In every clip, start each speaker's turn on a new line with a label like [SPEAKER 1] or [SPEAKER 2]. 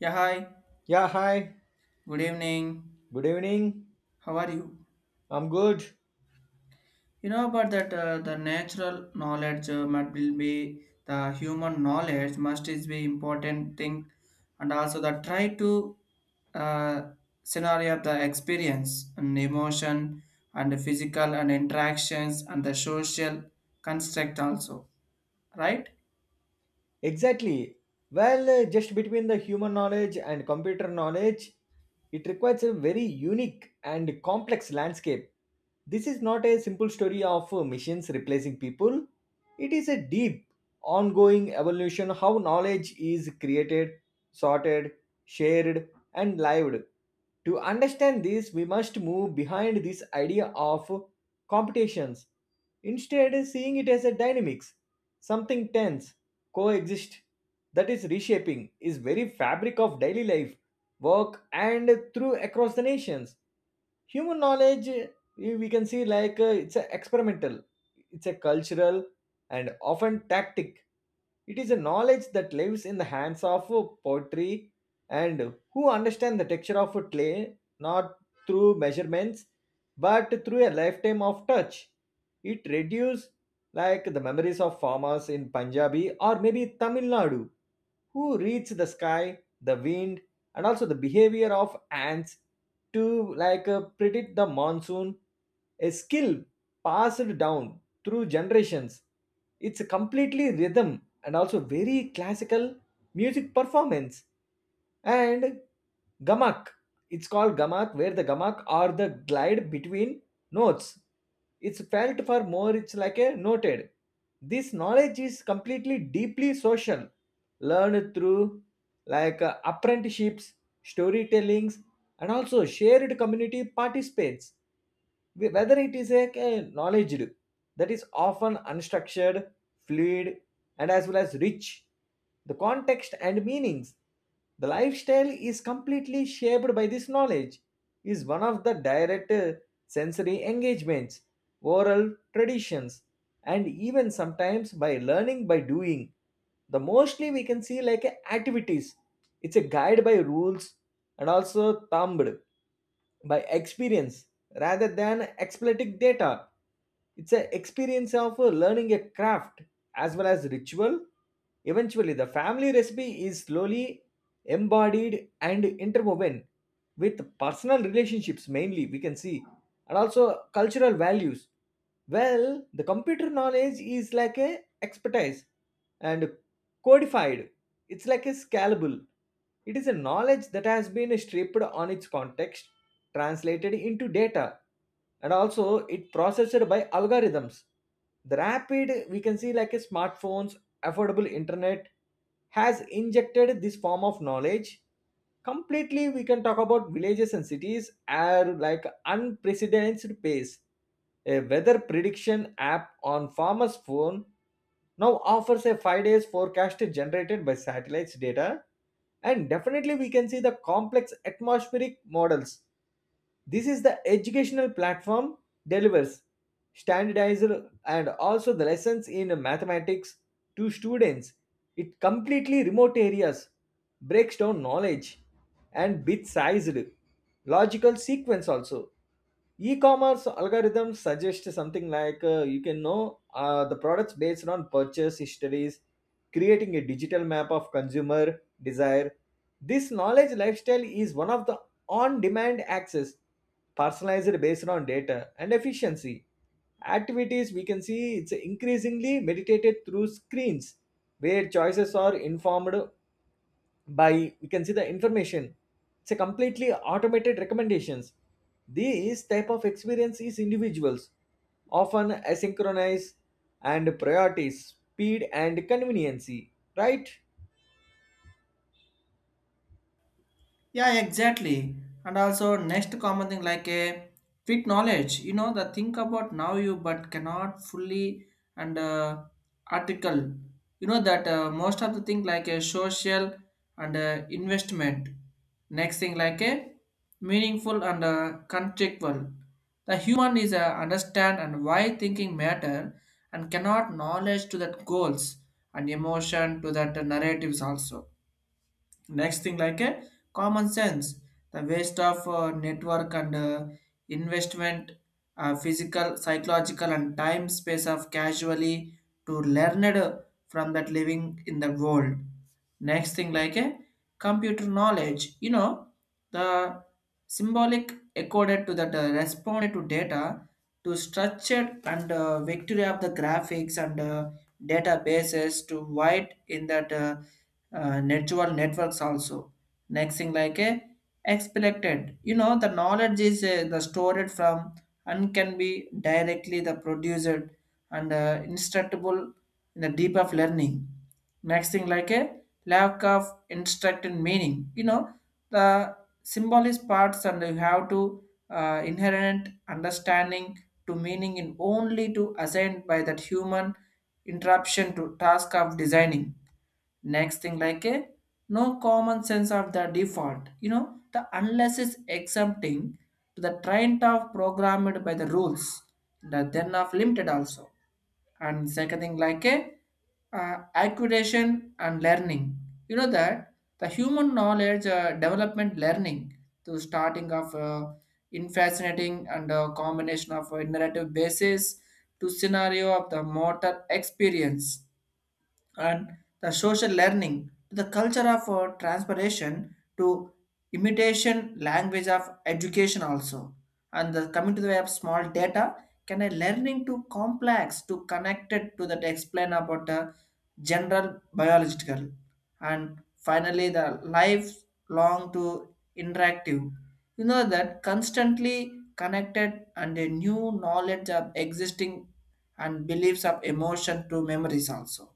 [SPEAKER 1] Yeah, hi.
[SPEAKER 2] Yeah, hi.
[SPEAKER 1] Good evening.
[SPEAKER 2] Good evening.
[SPEAKER 1] How are you?
[SPEAKER 2] I'm good.
[SPEAKER 1] You know about that the natural knowledge must will be the human knowledge must is be important thing, and also the try to uh, scenario of the experience and emotion and the physical and interactions and the social construct also, right?
[SPEAKER 2] Exactly. Well, just between the human knowledge and computer knowledge, it requires a very unique and complex landscape. This is not a simple story of machines replacing people. It is a deep, ongoing evolution how knowledge is created, sorted, shared, and lived. To understand this, we must move behind this idea of competitions, instead, seeing it as a dynamics, something tense, coexist, that is reshaping, is very fabric of daily life, work, and through across the nations. Human knowledge, we can see like it's a experimental, it's a cultural, and often tactic it is a knowledge that lives in the hands of pottery and who understand the texture of clay not through measurements but through a lifetime of touch. It reduces like the memories of farmers in Punjabi or maybe Tamil Nadu who reads the sky, the wind, and also the behavior of ants to like predict the monsoon, a skill passed down through generations. It's a completely rhythm and also very classical music performance. And gamak, it's called gamak, where the gamak are the glide between notes. It's felt for more, it's like a noted. This knowledge is completely deeply social learned through like apprenticeships, storytellings, and also shared community participates. Whether it is a knowledge that is often unstructured fluid and as well as rich the context and meanings the lifestyle is completely shaped by this knowledge is one of the direct sensory engagements oral traditions and even sometimes by learning by doing the mostly we can see like a activities it's a guide by rules and also thumbed by experience rather than expletic data. It's an experience of learning a craft as well as ritual. Eventually, the family recipe is slowly embodied and interwoven with personal relationships, mainly, we can see, and also cultural values. Well, the computer knowledge is like a expertise and codified. It's like a scalable. It is a knowledge that has been stripped on its context translated into data and also it processed by algorithms the rapid we can see like a smartphones affordable internet has injected this form of knowledge completely we can talk about villages and cities are like unprecedented pace a weather prediction app on farmers phone now offers a 5 days forecast generated by satellites data and definitely we can see the complex atmospheric models this is the educational platform delivers standardized and also the lessons in mathematics to students. It completely remote areas breaks down knowledge and bit sized logical sequence also e-commerce algorithms suggest something like you can know the products based on purchase histories creating a digital map of consumer desire this knowledge lifestyle is one of the on-demand access personalized based on data and efficiency activities we can see it's increasingly meditated through screens where choices are informed by we can see the information it's a completely automated recommendations these type of experience is individuals often asynchronous and priorities speed and conveniency, right?
[SPEAKER 1] Yeah, exactly. And also next common thing like a quick knowledge. You know the think about now you but cannot fully and article. You know that most of the thing like a social and investment. Next thing like a meaningful and contextual. The human is understand and why thinking matter and cannot knowledge to that goals and emotion to that narratives also. Next thing like a common sense, the waste of network and investment, physical psychological and time space of casually to learned from that living in the world. Next thing like a computer knowledge, you know the symbolic accorded to that responded to data to structured and victory of the graphics and databases to wide in that network networks also. Next thing like a expected, you know, the knowledge is the stored from and can be directly the produced and instructable in the deep of learning. Next thing like a lack of instructed meaning, you know, the symbol is parts and you have to inherent understanding to meaning in only to assigned by that human interruption to task of designing. Next thing like a no common sense of the default, you know the unless is exempting to the trend of programmed by the rules, the then of limited also. And second thing like a acquisition and learning, you know that the human knowledge development learning to starting of in fascinating and combination of a narrative basis to scenario of the motor experience and the social learning to the culture of transpiration to imitation language of education also. And the, coming to the way of small data can a learning to complex to connected to that explain about the general biological. And finally the lifelong to interactive, you know that constantly connected and a new knowledge of existing and beliefs of emotion to memories also.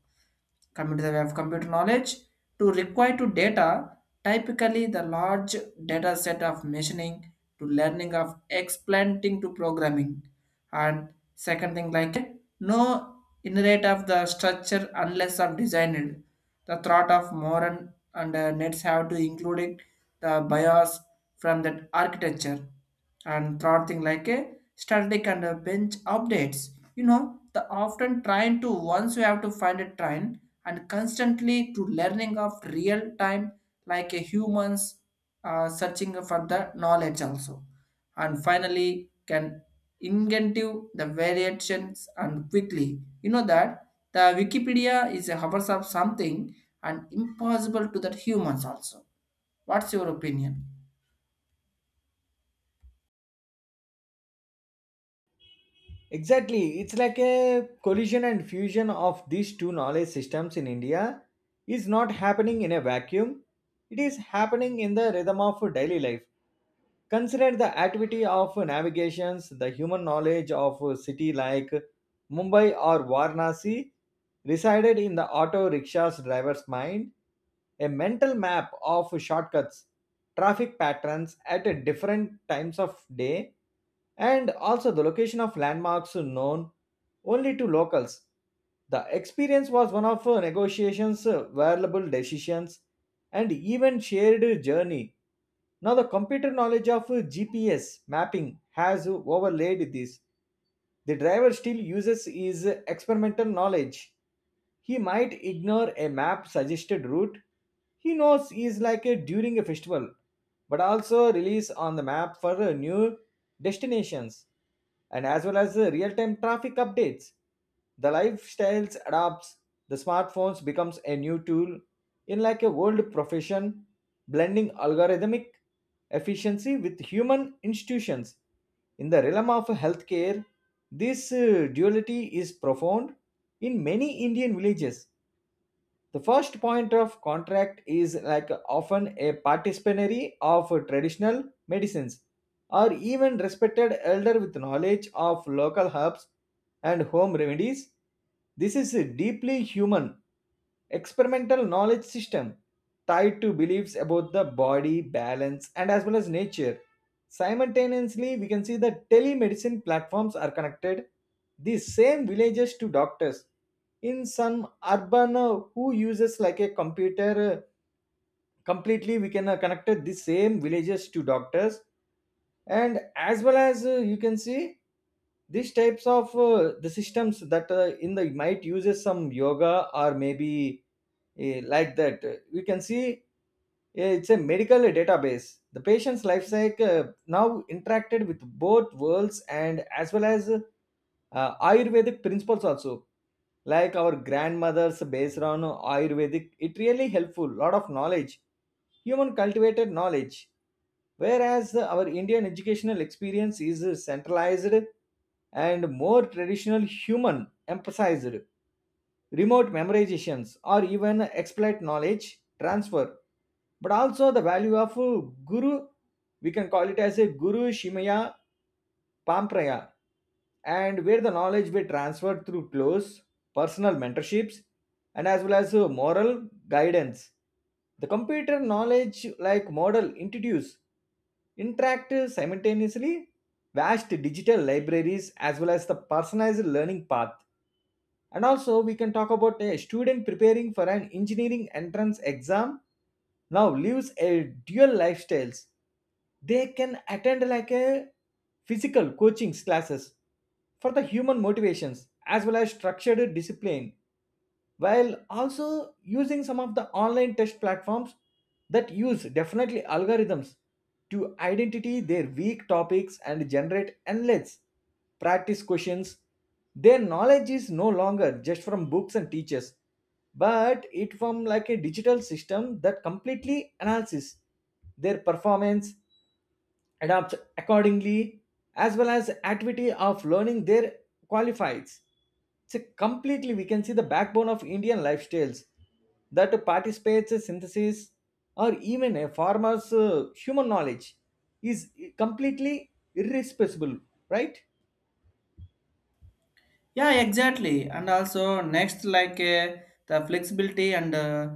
[SPEAKER 1] Coming to the way of computer knowledge, to require to data, typically the large data set of machining to learning of explanting to programming. And second thing like no inherent of the structure unless of designed. The thought of modern and nets have to include the BIOS from that architecture. And third thing like a static and a bench updates, you know the often trying to once you have to find a trend and constantly to learning of real time like a humans searching for the knowledge also. And finally can inventive the variations and quickly, you know that the wikipedia is a hours of something and impossible to that humans also. What's your opinion?
[SPEAKER 2] Exactly, it's like a collision and fusion of these two knowledge systems in India is not happening in a vacuum. It is happening in the rhythm of daily life. Consider the activity of navigations, the human knowledge of a city like Mumbai or Varanasi resided in the auto rickshaws driver's mind, a mental map of shortcuts, traffic patterns at a different times of day, and also the location of landmarks known only to locals. The experience was one of negotiations, valuable decisions, and even shared journey. Now, the computer knowledge of GPS mapping has overlaid this. The driver still uses his experimental knowledge. He might ignore a map suggested route. He knows he is like a during a festival, but also release on the map for new destinations and as well as the real-time traffic updates the lifestyles adapts the smartphones becomes a new tool in like a world profession blending algorithmic efficiency with human institutions in the realm of healthcare this duality is profound in many Indian villages the first point of contract is like often a participatory of traditional medicines or even respected elder with knowledge of local herbs and home remedies. This is a deeply human experimental knowledge system tied to beliefs about the body, balance, and as well as nature. Simultaneously, we can see that telemedicine platforms are connected these same villages to doctors in some urban who uses like a computer completely we can connect the same villages to doctors and as well as you can see these types of the systems that in the might uses some yoga or maybe like that we can see it's a medical database the patient's life cycle now interacted with both worlds and as well as ayurvedic principles also like our grandmothers based on ayurvedic it really helpful lot of knowledge human cultivated knowledge whereas our Indian educational experience is centralized and more traditional human emphasized remote memorizations or even exploit knowledge transfer but also the value of guru we can call it as a guru shimaya Pampraya, and where the knowledge were transferred through close personal mentorships and as well as moral guidance. The computer knowledge like model introduced interact simultaneously vast digital libraries as well as the personalized learning path and also, we can talk about a student preparing for an engineering entrance exam now lives a dual lifestyles. They can attend like a physical coaching classes for the human motivations as well as structured discipline while also using some of the online test platforms that use definitely algorithms to identify their weak topics and generate endless practice questions. Their knowledge is no longer just from books and teachers, but it from like a digital system that completely analyzes their performance adapt accordingly as well as activity of learning their qualifies. So completely we can see the backbone of Indian lifestyles that participates in synthesis or even a farmer's human knowledge is completely irresponsible, right?
[SPEAKER 1] Yeah, exactly. And also next like the flexibility and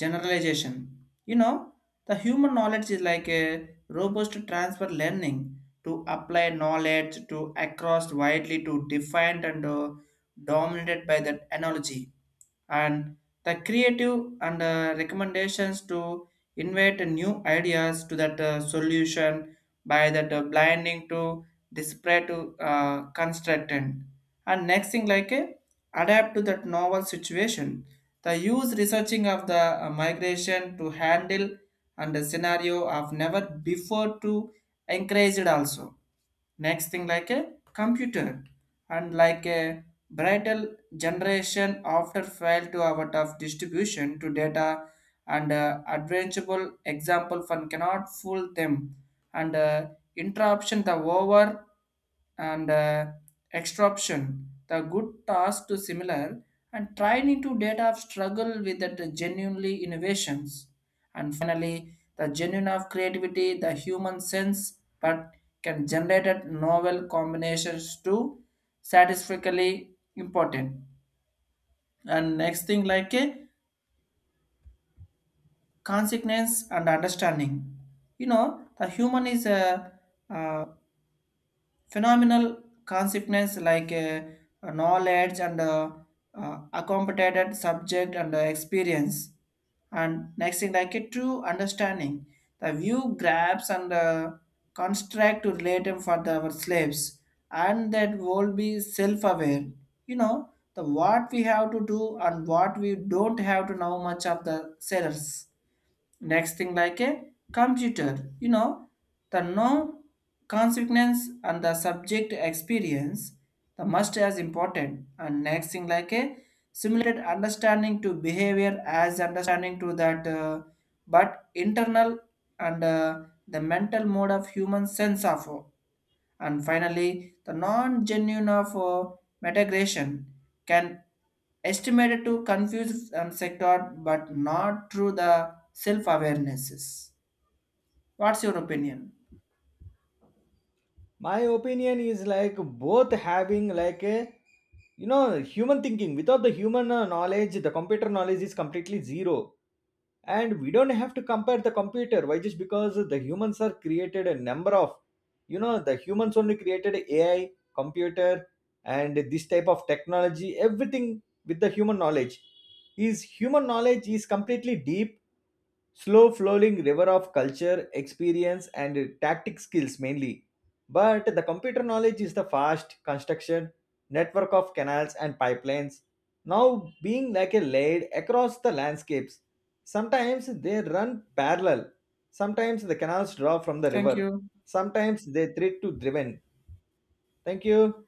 [SPEAKER 1] generalization, you know the human knowledge is like a robust transfer learning to apply knowledge to across widely to defined and dominated by that analogy. And the creative and recommendations to invite new ideas to that solution by that blinding to disparate to constructant. And next thing like a adapt to that novel situation, the use researching of the migration to handle and the scenario of never before to encourage it also. Next thing like a computer and like a bridal generation after fail to out of distribution to data and adventurable example fund cannot fool them and interruption the over and extraction the good task to similar and trying to data of struggle with that genuinely innovations. And finally, the genuine of creativity, the human sense, but can generate at novel combinations to satisfactorily important. And next thing like a consequence and understanding. You know, the human is a uh, phenomenal consequence like knowledge and accommodated subject and experience. And next thing like a true understanding, the view grabs and construct to relate them for the, our slaves and that will be self-aware. You know the what we have to do and what we don't have to know much of the sellers. Next thing like a computer, you know the no consequence and the subject experience the must as important. And next thing like a simulated understanding to behavior as understanding to that but internal and the mental mode of human sense of and finally, the non-genuine of migration can estimated to confuse and sector but not through the self-awarenesses. What's your opinion?
[SPEAKER 2] My opinion is like both having like a, you know, human thinking without the human knowledge the computer knowledge is completely zero and we don't have to compare the computer why just because the humans are created a number of, you know, the humans only created AI computer and this type of technology everything with the human knowledge is completely deep slow flowing river of culture experience and tactic skills mainly but the computer knowledge is the fast construction network of canals and pipelines now being like a laid across the landscapes. Sometimes they run parallel, sometimes the canals draw from the
[SPEAKER 1] Thank
[SPEAKER 2] river,
[SPEAKER 1] you.
[SPEAKER 2] sometimes they thread to driven. Thank you.